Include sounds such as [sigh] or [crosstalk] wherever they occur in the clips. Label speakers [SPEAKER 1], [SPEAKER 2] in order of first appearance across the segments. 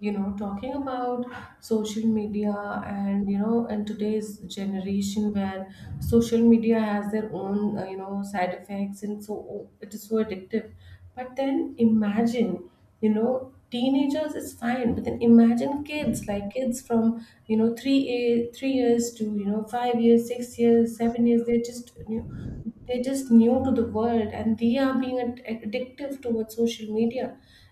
[SPEAKER 1] Talking about social media, and today's generation, where social media has their own side effects. And so, oh, it is so addictive. But then imagine, teenagers is fine, but then imagine kids, like kids from 3 a 3 years to 5 years, 6 years, 7 years. They are just they're just new to the world, and they are being addictive towards social media.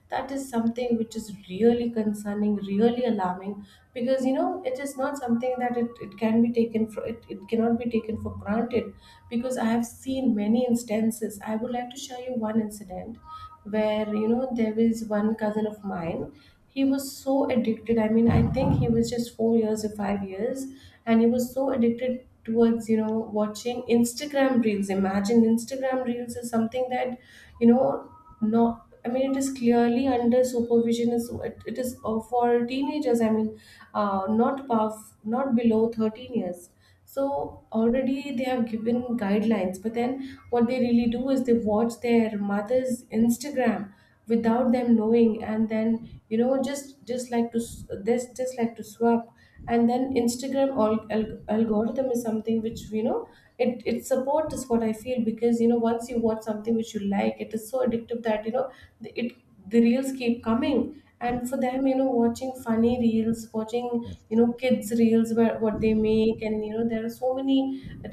[SPEAKER 1] That is something which is really concerning, really alarming, because it is not something that it can be taken for— it cannot be taken for granted. Because I have seen many instances, I would like to share you one incident where, there was one cousin of mine. He was so addicted. I mean, I think he was just 4 years or 5 years, and he was so addicted towards watching Instagram reels. Imagine, Instagram reels is something that, you know no, I mean, it is clearly under supervision. It is for teenagers, I mean, not above, not below 13 years. So already they have given guidelines, but then what they really do is they watch their mother's Instagram without them knowing. And then, just like to this, just like to swap. And then Instagram algorithm is something which, it supports is what I feel. Because, once you watch something which you like, it is so addictive that, the, it the reels keep coming. And for them, watching funny reels, watching, kids reels, where what they make, and there are so many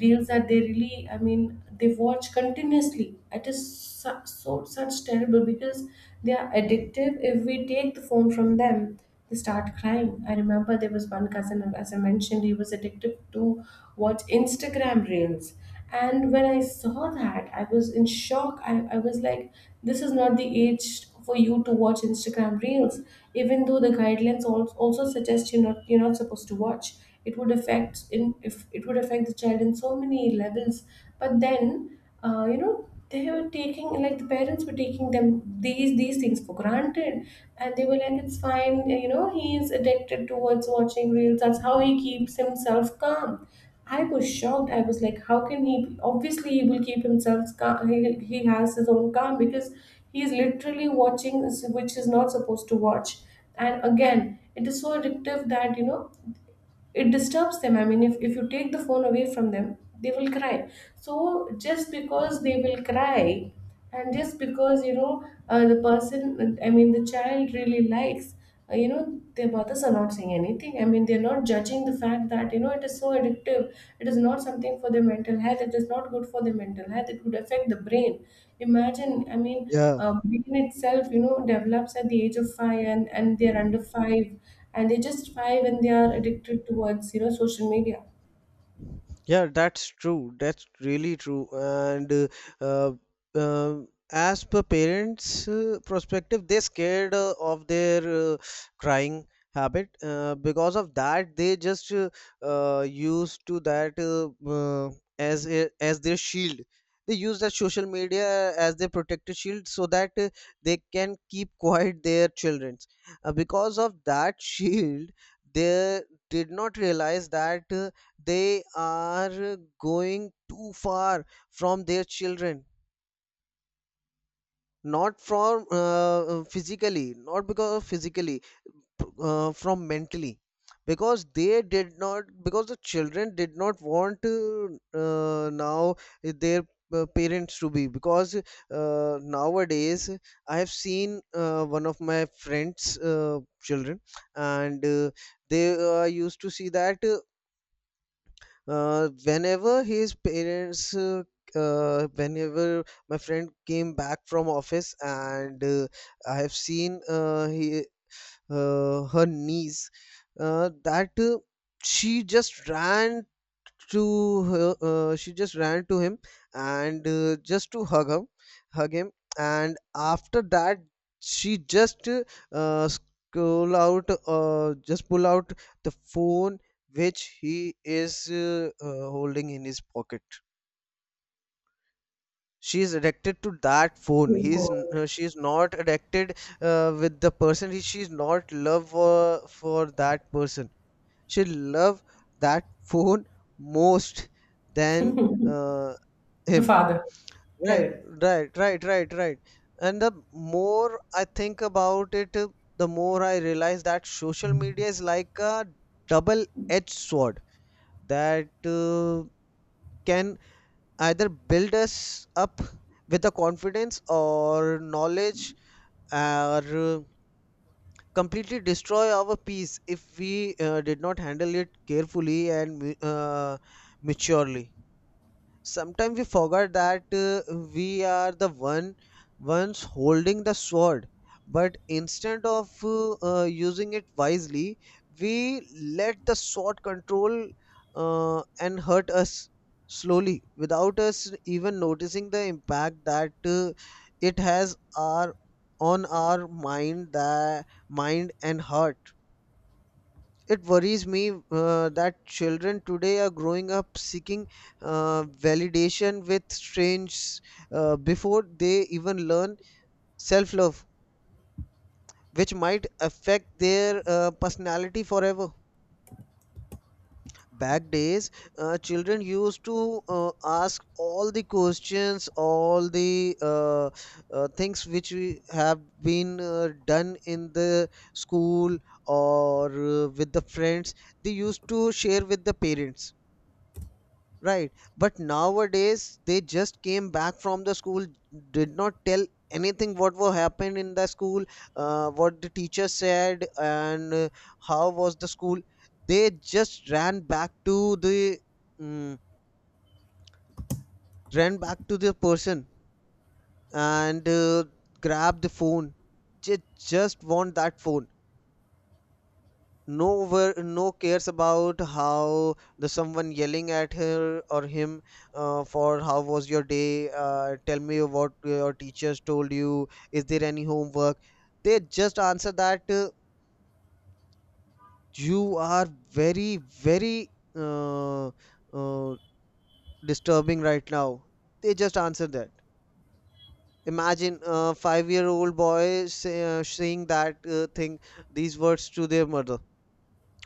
[SPEAKER 1] reels that they really, I mean, they watch continuously. It is so, such terrible, because they are addictive. If we take the phone from them, they start crying. I remember there was one cousin, as I mentioned, he was addicted to watch Instagram reels. And when I saw that, I was in shock. I was like, this is not the age for you to watch Instagram reels, even though the guidelines also suggest you're not supposed to watch. It would affect in if it would affect the child in so many levels. But then, they were taking— like, the parents were taking them, these things for granted. And they were like, it's fine, he is addicted towards watching reels, that's how he keeps himself calm. I was shocked. I was like, how can he— obviously he will keep himself calm, he has his own calm, because he is literally watching which is not supposed to watch. And again, it is so addictive that, it disturbs them. I mean, if you take the phone away from them, they will cry. So just because they will cry, and just because, the person, I mean, the child really likes— their mothers are not saying anything. I mean, they're not judging the fact that, it is so addictive. It is not something for their mental health, it is not good for their mental health, it could affect the brain. Imagine, I mean,
[SPEAKER 2] Yeah,
[SPEAKER 1] brain itself, develops at the age of 5, and they're under 5, and they justify when they are addicted towards social media.
[SPEAKER 2] yeah, that's true. That's really true. And uh, as per parents' perspective, they're scared of their uh, crying habit. Because of that, they just used to that as a, as their shield. They use that social media as their protective shield so that they can keep [laughs] quiet their children. Because of that [laughs] shield, they did not realize that. They are going too far from their children, not from physically, not because of physically, from mentally, because the children did not want to now their parents to be, because nowadays I have seen one of my friends' children. And they used to see that whenever his parents, whenever my friend came back from office, and I have seen her niece, that she just ran to her, she just ran to him and just to hug him, hug him. And after that, she just scroll out, just pull out the phone which he is holding in his pocket. She is addicted to that phone.
[SPEAKER 1] Oh God.
[SPEAKER 2] She is not addicted with the person. She is not love for that person. She love that phone most than uh,
[SPEAKER 1] The
[SPEAKER 2] him.
[SPEAKER 1] father.
[SPEAKER 2] right
[SPEAKER 1] Correct.
[SPEAKER 2] right right right right. And the more I think about it, the more I realize that social media is like a double edged sword, that can either build us up with the confidence or knowledge, or completely destroy our peace if we did not handle it carefully and maturely. Sometimes we forget that we are the ones holding the sword, but instead of using it wisely, we let the sword control and hurt us slowly without us even noticing the impact that it has our on our mind, the mind and heart. It worries me that children today are growing up seeking validation with strangers before they even learn self love, which might affect their personality forever. Back days, children used to ask all the questions, all the things which we have been done in the school or with the friends, they used to share with the parents. Right. But nowadays they just came back from the school, did not tell anything what were happened in the school, what the teacher said, and how was the school. They just ran back to the mm ran back to the person and grabbed the phone. Just just want that phone. No where, no cares about how the someone yelling at her or him for how was your day, tell me what your teachers told you, is there any homework. They just answer that you are very very uh, uh, disturbing right now. They just answer that. Imagine a 5-year-old boy say, saying that thing, these words to their mother.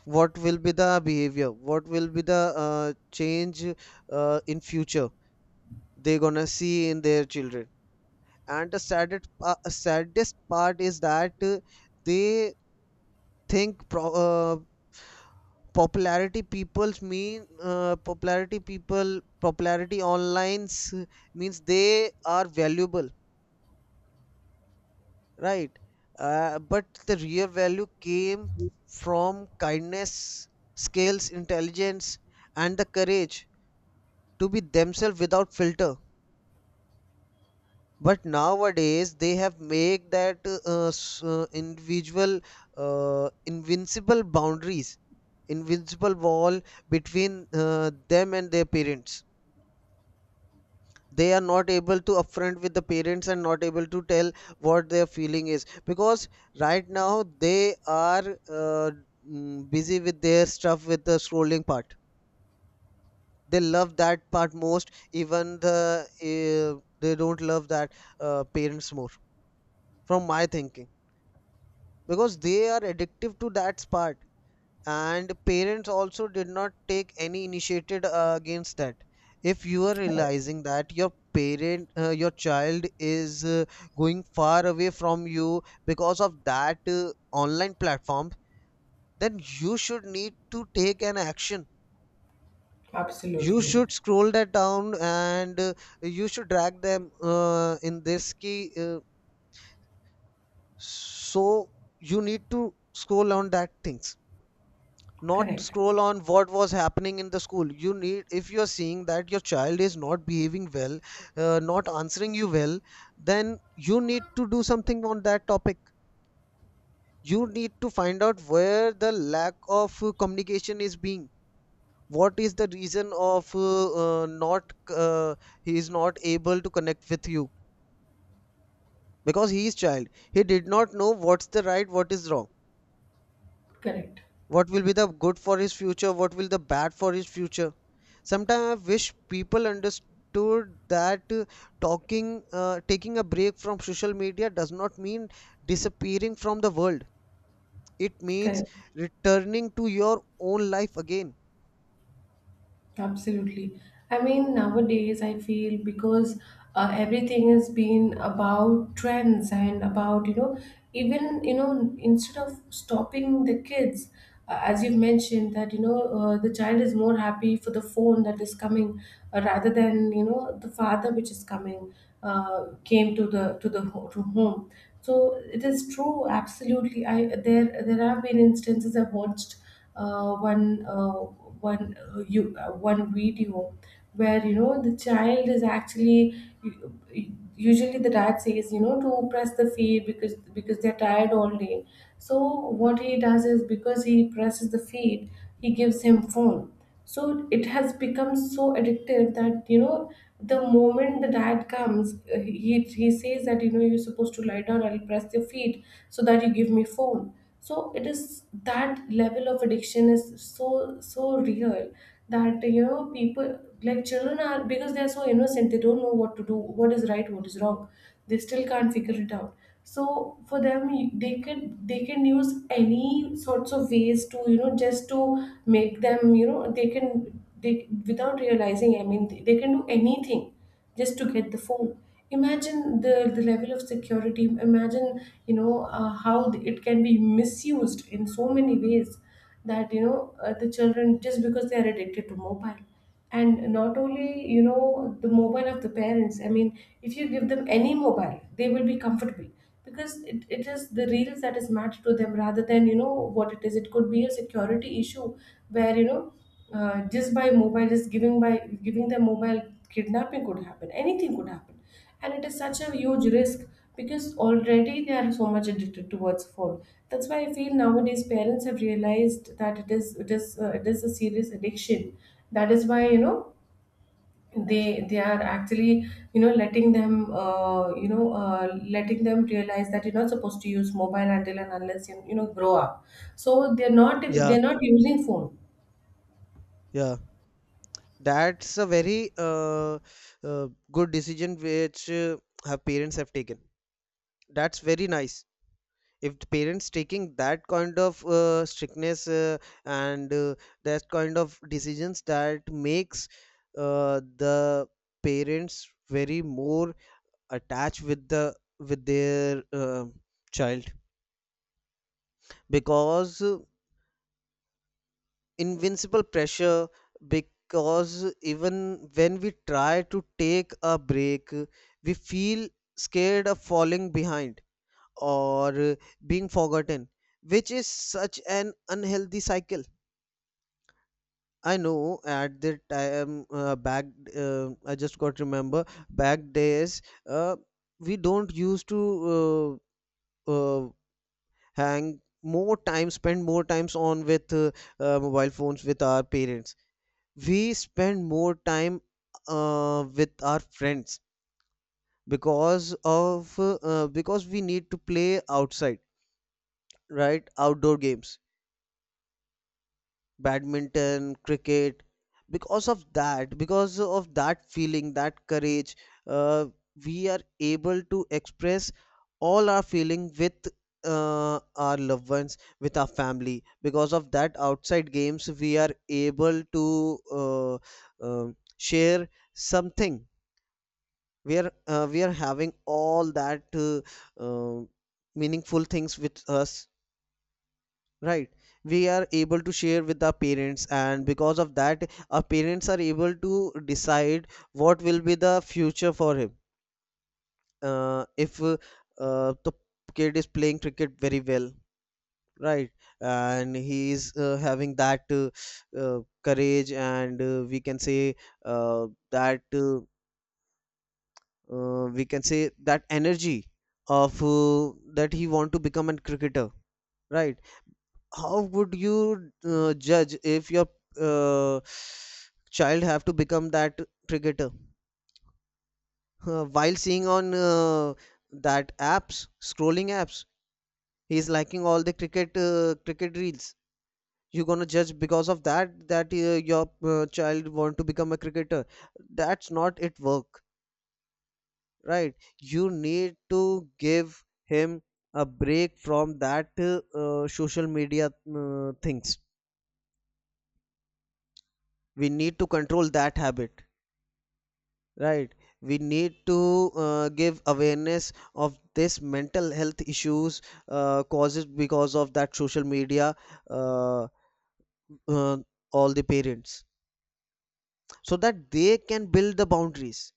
[SPEAKER 2] What will be the behavior, what will be the change in future they're gonna see in their children. And the saddest, saddest part is that they think pro- popularity people's mean popularity people popularity online uh, means they are valuable. Right. But the real value came from kindness, skills, intelligence, and the courage to be themselves without filter. But nowadays they have made that individual invincible boundaries, invincible wall between them and their parents. They are not able to upfront with the parents and not able to tell what their feeling is, because right now they are busy with their stuff, with the scrolling part. They love that part most. Even the they don't love that parents more, from my thinking, because they are addictive to that part. And parents also did not take any initiative against that. If you are realizing that your parent your child is going far away from you because of that online platform, then you should need to take an action. You should scroll that down and you should drag them in this key. So you need to scroll on that things, not
[SPEAKER 1] Correct.
[SPEAKER 2] scroll on what was happening in the school. You need, if you're seeing that your child is not behaving well, not answering you well, then you need to do something on that topic. You need to find out where the lack of communication is being, what is the reason of not he is not able to connect with you, because he is child, he did not know what's the right, what is wrong,
[SPEAKER 1] Correct.
[SPEAKER 2] what will be the good for his future, what will the bad for his future. Sometimes I wish people understood that talking taking a break from social media does not mean disappearing from the world, it means
[SPEAKER 1] Correct.
[SPEAKER 2] returning to your own life again.
[SPEAKER 1] Absolutely. I mean, nowadays I feel, because everything has been about trends, and about, even, instead of stopping the kids, as you mentioned, that, the child is more happy for the phone that is coming, rather than, the father which is coming, came to home. So it is true, absolutely. I there have been instances. I've watched one video where, the child is actually— usually the dad says, to press the feed, because they're tired all day. So what he does is, because he presses the feed, he gives him phone. So it has become so addictive that, the moment the dad comes, he says that, you're supposed to lie down, I'll press your feet, so that you give me phone. So it is— that level of addiction is so real, that, people— like, children are— because they are so innocent, they don't know what to do, what is right, what is wrong. They still can't figure it out. So for them, they can use any sorts of ways to, just to make them— they can— they, without realizing, I mean, they can do anything just to get the phone. Imagine the level of security. Imagine, how it can be misused in so many ways, that, the children, just because they are addicted to mobile. And not only, the mobile of the parents. I mean, if you give them any mobile, they will be comfortable, because it is the reels that is matched to them, rather than, what it is. It could be a security issue, where, just by mobile— just giving them mobile, kidnapping could happen, anything could happen. And it is such a huge risk, because already they are so much addicted towards phone. That's why I feel nowadays parents have realized that it is a serious addiction. That is why, they are actually, letting them, uh, you know uh, letting them realize that you're not supposed to use mobile until and unless you, you know grow up. So they're not
[SPEAKER 2] yeah
[SPEAKER 1] they're not using phone.
[SPEAKER 2] yeah That's a very good decision which her parents have taken. That's very nice. If the parents taking that kind of strictness and that kind of decisions, that makes the parents very more attached with the with their child, because invincible pressure, because even when we try to take a break, we feel scared of falling behind or being forgotten, which is such an unhealthy cycle. I know at the time back, I just got remember back days, uh, we don't used to uh, uh, hang more time, spend more times on with mobile phones with our parents. We spend more time with our friends, because of because we need to play outside, right, outdoor games, badminton, cricket. Because of that feeling, that courage, uh, we are able to express all our feeling with our loved ones, with our family. Because of that outside games we are able to share something. We are we are having all that uh, meaningful things with us, right. We are able to share with our parents, and because of that our parents are able to decide what will be the future for him. If The kid is playing cricket very well, right, and he is having that courage and we can say that we can say that energy of that he want to become a cricketer, right. How would you judge if your uh, child have to become that cricketer? While seeing on that apps scrolling apps, he is liking all the cricket reels, you're gonna judge because of that that your child want to become a cricketer? That's not it work, right. You need to give him a break from that social media things. We need to control that habit, right. We need to give awareness of this mental health issues, causes because of that social media, uh, uh, all the parents, so that they can build the boundaries.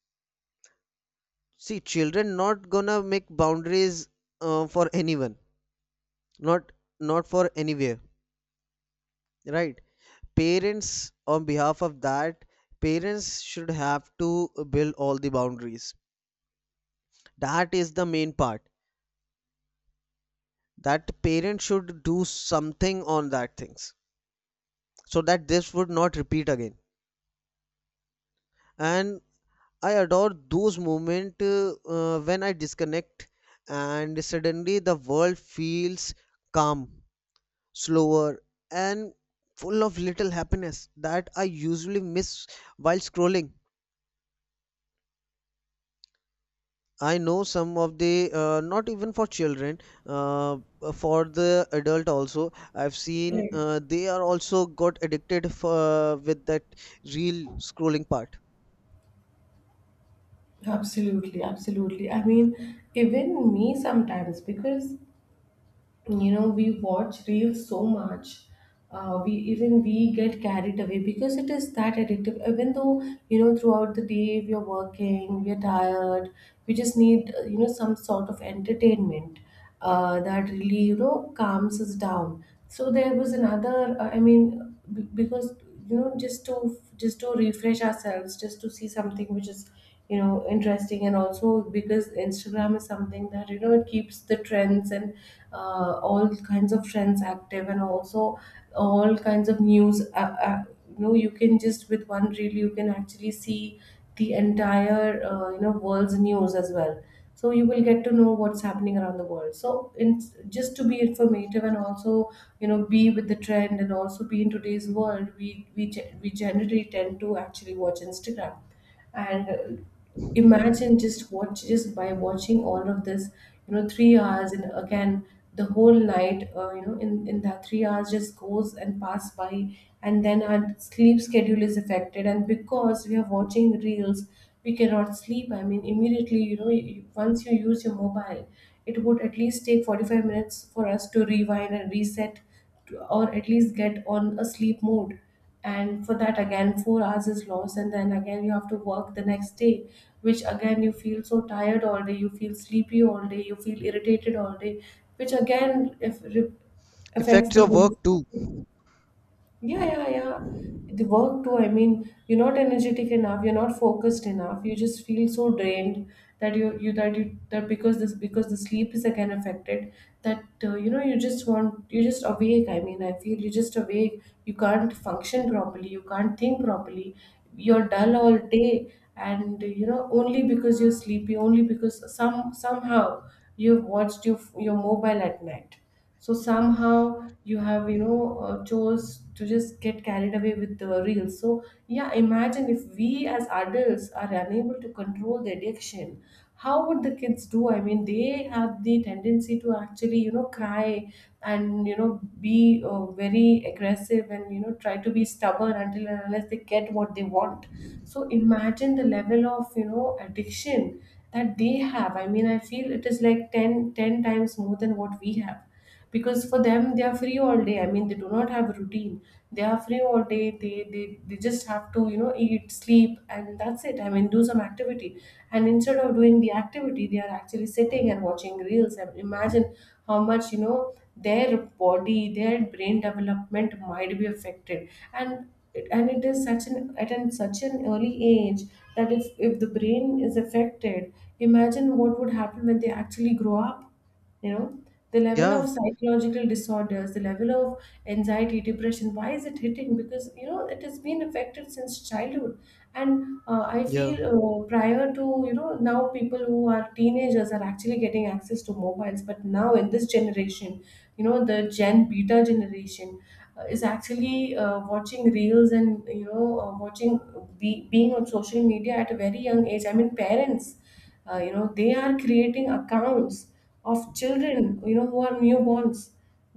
[SPEAKER 2] See, children not gonna make boundaries for anyone, not not for anywhere, right. Parents on behalf of that, parents should have to build all the boundaries. That is the main part, that parents should do something on that things so that this would not repeat again. And I adore those moments when I disconnect, and suddenly the world feels calm, slower, and full of little happiness that I usually miss while scrolling. I know some of the not even for children, uh, for the adult also. I've seen
[SPEAKER 1] Correct.
[SPEAKER 2] they are also got addicted for, with that reel scrolling part.
[SPEAKER 1] Absolutely, absolutely. I mean, even me sometimes, because, we watch reels so much, we get carried away, because it is that addictive. Even though, throughout the day, we are working, we are tired, we just need, some sort of entertainment, that really, calms us down. So there was another, I mean, because, just to refresh ourselves, just to see something which is, interesting. And also, because Instagram is something that, it keeps the trends, and all kinds of trends active, and also all kinds of news, you can just— with one reel, you can actually see the entire, world's news as well. So you will get to know what's happening around the world. So, in just to be informative, and also, be with the trend, and also be in today's world, we generally tend to actually watch Instagram. And, imagine, just by watching all of this, 3 hours. And again, the whole night, in that 3 hours just goes and pass by. And then our sleep schedule is affected. And because we are watching reels, we cannot sleep. I mean, immediately, once you use your mobile, it would at least take 45 minutes for us to rewind and reset, or at least get on a sleep mode. And for that again, 4 hours is lost, and then again you have to work the next day, which again, you feel so tired all day, you feel sleepy all day, you feel irritated all day, which again, if affects
[SPEAKER 2] Affects
[SPEAKER 1] the
[SPEAKER 2] your
[SPEAKER 1] whole—
[SPEAKER 2] work too.
[SPEAKER 1] yeah, yeah, yeah. The work too. I mean, you're not energetic enough, you're not focused enough, you just feel so drained that you you that because this because the sleep is again affected, that, you're just awake. I mean, I feel you're just awake. You can't function properly, you can't think properly. You're dull all day and only because you're sleepy, only because somehow you've watched your mobile at night. So somehow you have chose to just get carried away with the reels. So yeah, imagine if we as adults are unable to control the addiction, how would the kids do? I mean, they have the tendency to actually cry and be very aggressive and try to be stubborn until and unless they get what they want. So imagine the level of addiction that they have. I mean, I feel it is like ten times more than what we have, because for them, they are free all day. I mean, they do not have a routine. They are free all day, they just have to eat, sleep, and that's it. I mean, do some activity, and instead of doing the activity, they are actually sitting and watching reels. And imagine how much their body, their brain development might be affected. And it is such an such an early age that if the brain is affected, imagine what would happen when they actually grow up, you know? The level of
[SPEAKER 2] Yeah,
[SPEAKER 1] psychological disorders, the level of anxiety, depression, why is it hitting? Because, you know, it has been affected since childhood. And I
[SPEAKER 2] yeah.
[SPEAKER 1] feel prior to, you know, now, people who are teenagers are actually getting access to mobiles, but now in this generation, you know, the gen beta generation is actually watching reels and watching, being on social media at a very young age. I mean, parents, they are creating accounts of children, you know, who are newborns.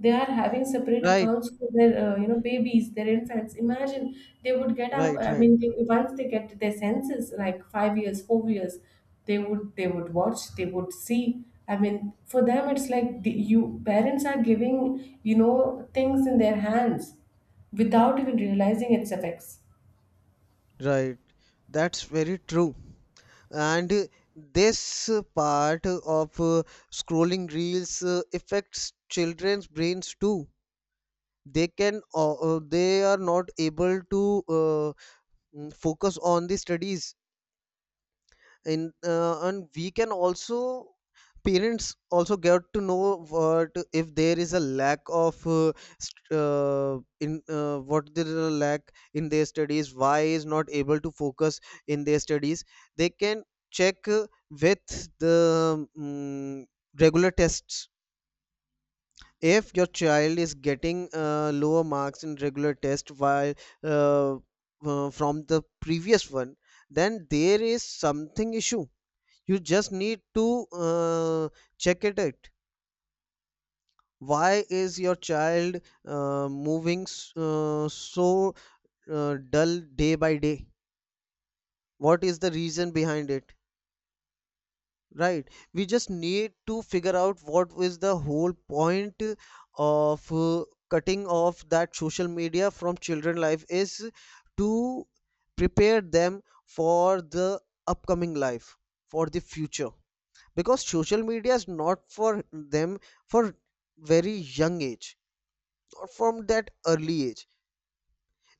[SPEAKER 1] They are having separate
[SPEAKER 2] Right,
[SPEAKER 1] accounts for their babies, their infants. Imagine, they would get up.
[SPEAKER 2] right,
[SPEAKER 1] I
[SPEAKER 2] right,
[SPEAKER 1] mean, once they get their senses, like 5 years, 4 years, they would watch, they would see. I mean, for them, it's like the, you parents are giving, you know, things in their hands without even realizing its effects.
[SPEAKER 2] right. That's very true. And this part of scrolling reels affects children's brains too. They can, they are not able to. Focus on the studies, and we can also parents also get to know what if there is a lack of st- in what there is a lack in their studies, why is not able to focus in their studies. They can check with the mm regular tests. If your child is getting lower marks in regular test while uh, from the previous one, then there is something issue. You just need to check it out. Why is your child so dull day by day? What is the reason behind it? Right. We just need to figure out what is the whole point of cutting off that social media from children life is to prepare them for the upcoming life, for the future. Because social media is not for them for very young age or from that early age.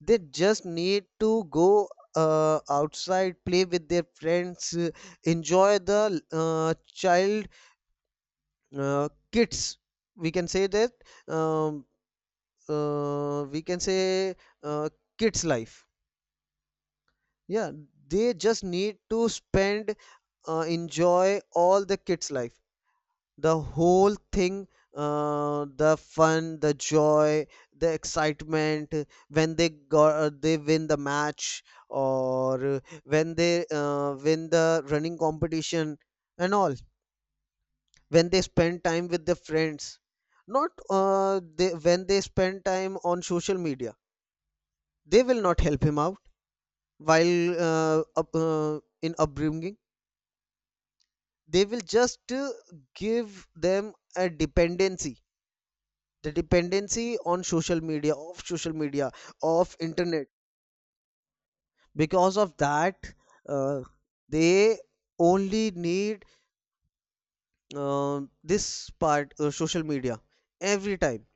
[SPEAKER 2] They just need to go outside, play with their friends, enjoy the child kids, we can say that, um, we can say uh, kids life, yeah. They just need to spend, enjoy all the kids life, the whole thing, the fun, the joy, the excitement when they win the match, or when they win the running competition and all, when they spend time with their friends, not when they spend time on social media. They will not help him out while in upbringing. They will just give them a dependency, the dependency on social media, of social media, of internet. Because of that, uh, they only need this part, social media, every time,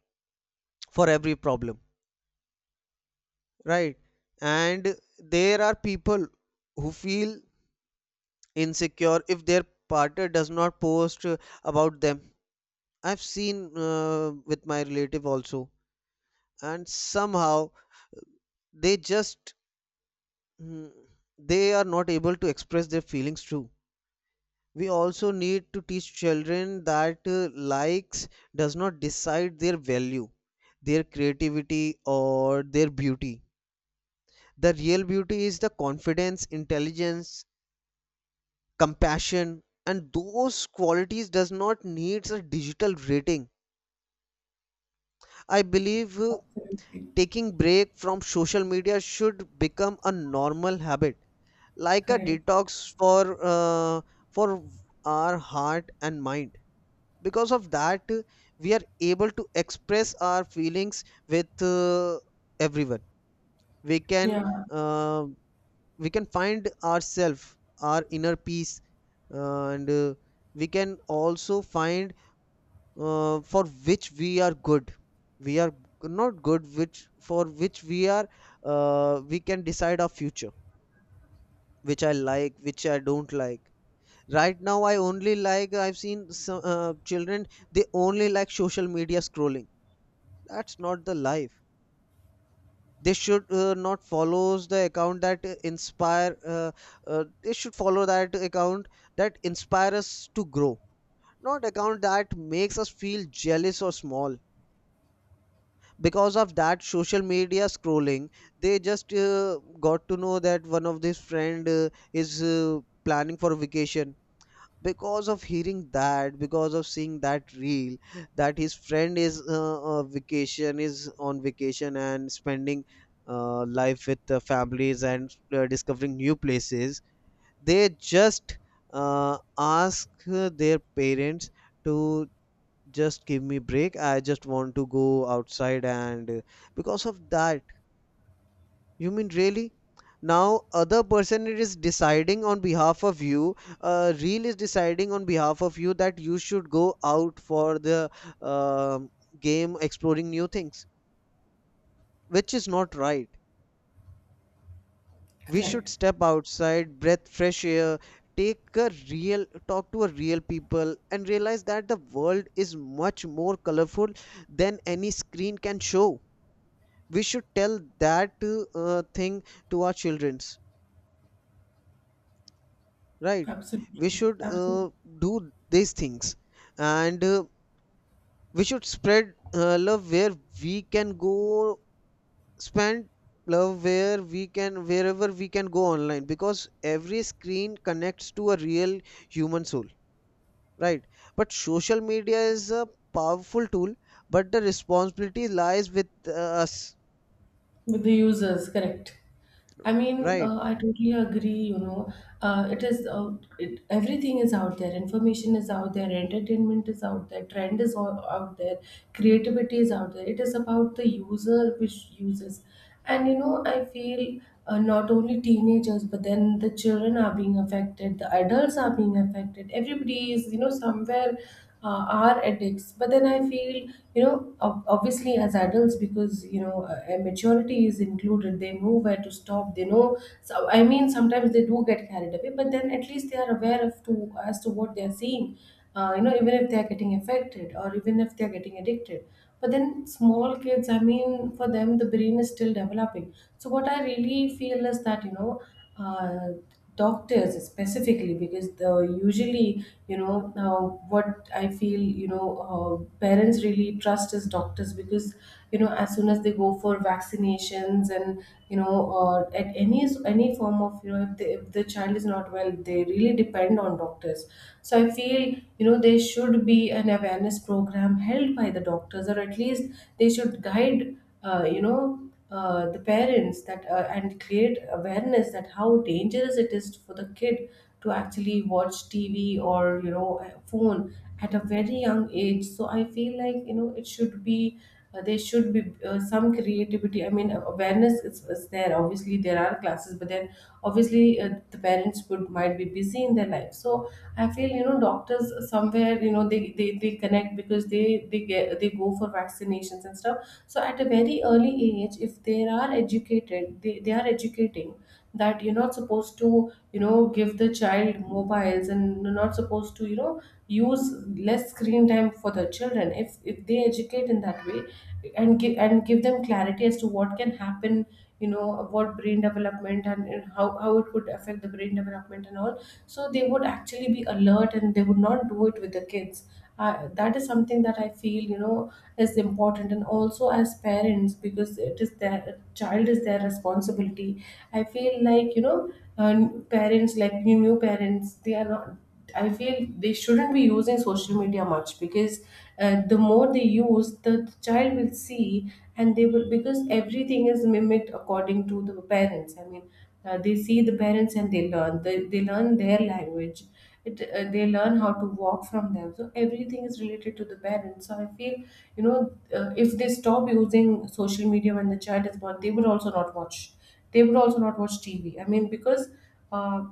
[SPEAKER 2] for every problem, right? And there are people who feel insecure if their partner does not post about them. I've seen with my relative also, and somehow they just, mm, they are not able to express their feelings too. We also need to teach children that likes does not decide their value, their creativity, or their beauty. The real beauty is the confidence, intelligence, compassion, and those qualities does not needs a digital rating. I believe,
[SPEAKER 1] Absolutely.
[SPEAKER 2] taking break from social media should become a normal habit, like a
[SPEAKER 1] Correct.
[SPEAKER 2] detox uh, for our heart and mind. Because of that, we are able to express our feelings with, everyone. We can,
[SPEAKER 1] Yeah.
[SPEAKER 2] uh, we can find ourselves, our inner peace, and we can also find for which we are good, we are not good, which for which we are. Uh, we can decide our future, which I like, which I don't like. Right now, I only like, I've seen some children, they only like social media scrolling. That's not the life. They should not follow the account that inspire they should follow that account that inspire us to grow, not account that makes us feel jealous or small. Because of that social media scrolling, they just got to know that one of his friend is planning for vacation. Because of hearing that, because of seeing that reel that his friend is vacation is on vacation and spending life with the families and discovering new places, they just ask their parents to, just give me break, I just want to go outside. And because of that, you mean really now other person is deciding on behalf of you, real is deciding on behalf of you that you should go out for the um game, exploring new things, which is not right. We should
[SPEAKER 1] Correct.
[SPEAKER 2] step outside, breath fresh air, take a real talk to a real people, and realize that the world is much more colorful than any screen can show. We should tell that thing to our childrens, right?
[SPEAKER 1] Absolutely.
[SPEAKER 2] We should
[SPEAKER 1] Absolutely.
[SPEAKER 2] do these things. And we should spread love where we can go, spend love where we can, wherever we can go online, because every screen connects to a real human soul, right? But social media is a powerful tool, but the responsibility lies with us.
[SPEAKER 1] With the users, correct. I mean,
[SPEAKER 2] Right.
[SPEAKER 1] I totally agree. You know, it is it, everything is out there. Information is out there. Entertainment is out there. Trend is all out there. Creativity is out there. It is about the user which uses. And, you know, I feel not only teenagers, but then the children are being affected. The adults are being affected. Everybody is, you know, somewhere are addicts. But then I feel, you know, obviously as adults, because, you know, maturity is included, they know where to stop, they know. So I mean, sometimes they do get carried away, but then at least they are aware of, to as to what they are seeing, you know, even if they are getting affected, or even if they are getting addicted. But then small kids, I mean, for them, the brain is still developing. So what I really feel is that, you know, uh, doctors specifically, because the usually, you know, now what I feel, you know, parents really trust is doctors, because, you know, as soon as they go for vaccinations, and, you know, at any form of, you know, if, they, if the child is not well, they really depend on doctors. So I feel, you know, there should be an awareness program held by the doctors, or at least they should guide, the parents, that and create awareness that how dangerous it is for the kid to actually watch TV or, you know, a phone at a very young age. So I feel like, you know, it should be there should be some creativity. I mean, awareness is there. Obviously there are classes, but then obviously the parents would might be busy in their life. So I feel, you know, doctors somewhere, you know, they connect, because they go for vaccinations and stuff. So at a very early age, if they are educated, they are educating that you're not supposed to, you know, give the child mobiles, and you're not supposed to, you know, use less screen time for the children. If they educate in that way, and give them clarity as to what can happen, you know, what brain development, and how it would affect the brain development and all, so they would actually be alert, and they would not do it with the kids. Uh, that is something that I feel, you know, is important. And also as parents, because it is their child, is their responsibility, I feel like, you know, uh, parents like new parents, they are not, I feel they shouldn't be using social media much, because the more they use, the child will see, and they will, because everything is mimicked according to the parents. I mean, they see the parents and they learn. They learn their language. They learn how to walk from them. So everything is related to the parents. So I feel, you know, if they stop using social media when the child is born, they would also not watch. They would also not watch TV. I mean, because Uh,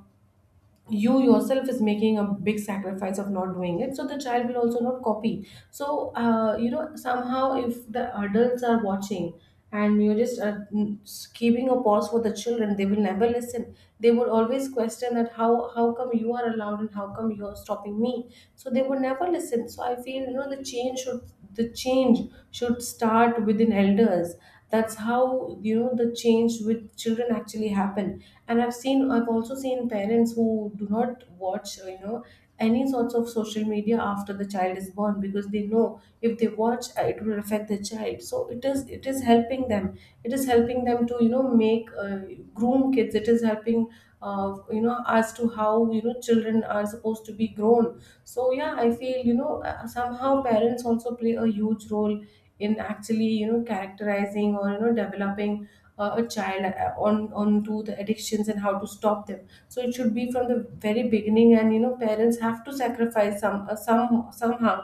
[SPEAKER 1] you yourself is making a big sacrifice of not doing it, so the child will also not copy. So, somehow, if the adults are watching, and you're just keeping a pause for the children, they will never listen. They would always question that, how come you are allowed, and how come you're stopping me? So they would never listen. So I feel, you know, the change should start within elders. That's how, you know, the change with children actually happen. And I've seen I've also seen parents who do not watch any sorts of social media after the child is born, because they know if they watch, it will affect the child. So it is helping them. It is helping them to, you know, make groom kids. It is helping, as to how, you know, children are supposed to be grown. So yeah, I feel, you know, somehow parents also play a huge role in actually, you know, characterizing, or, you know, developing a child on onto the addictions, and how to stop them. So it should be from the very beginning. And, you know, parents have to sacrifice some, somehow,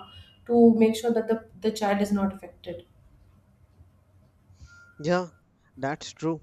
[SPEAKER 1] to make sure that the child is not affected.
[SPEAKER 2] Yeah, that's true.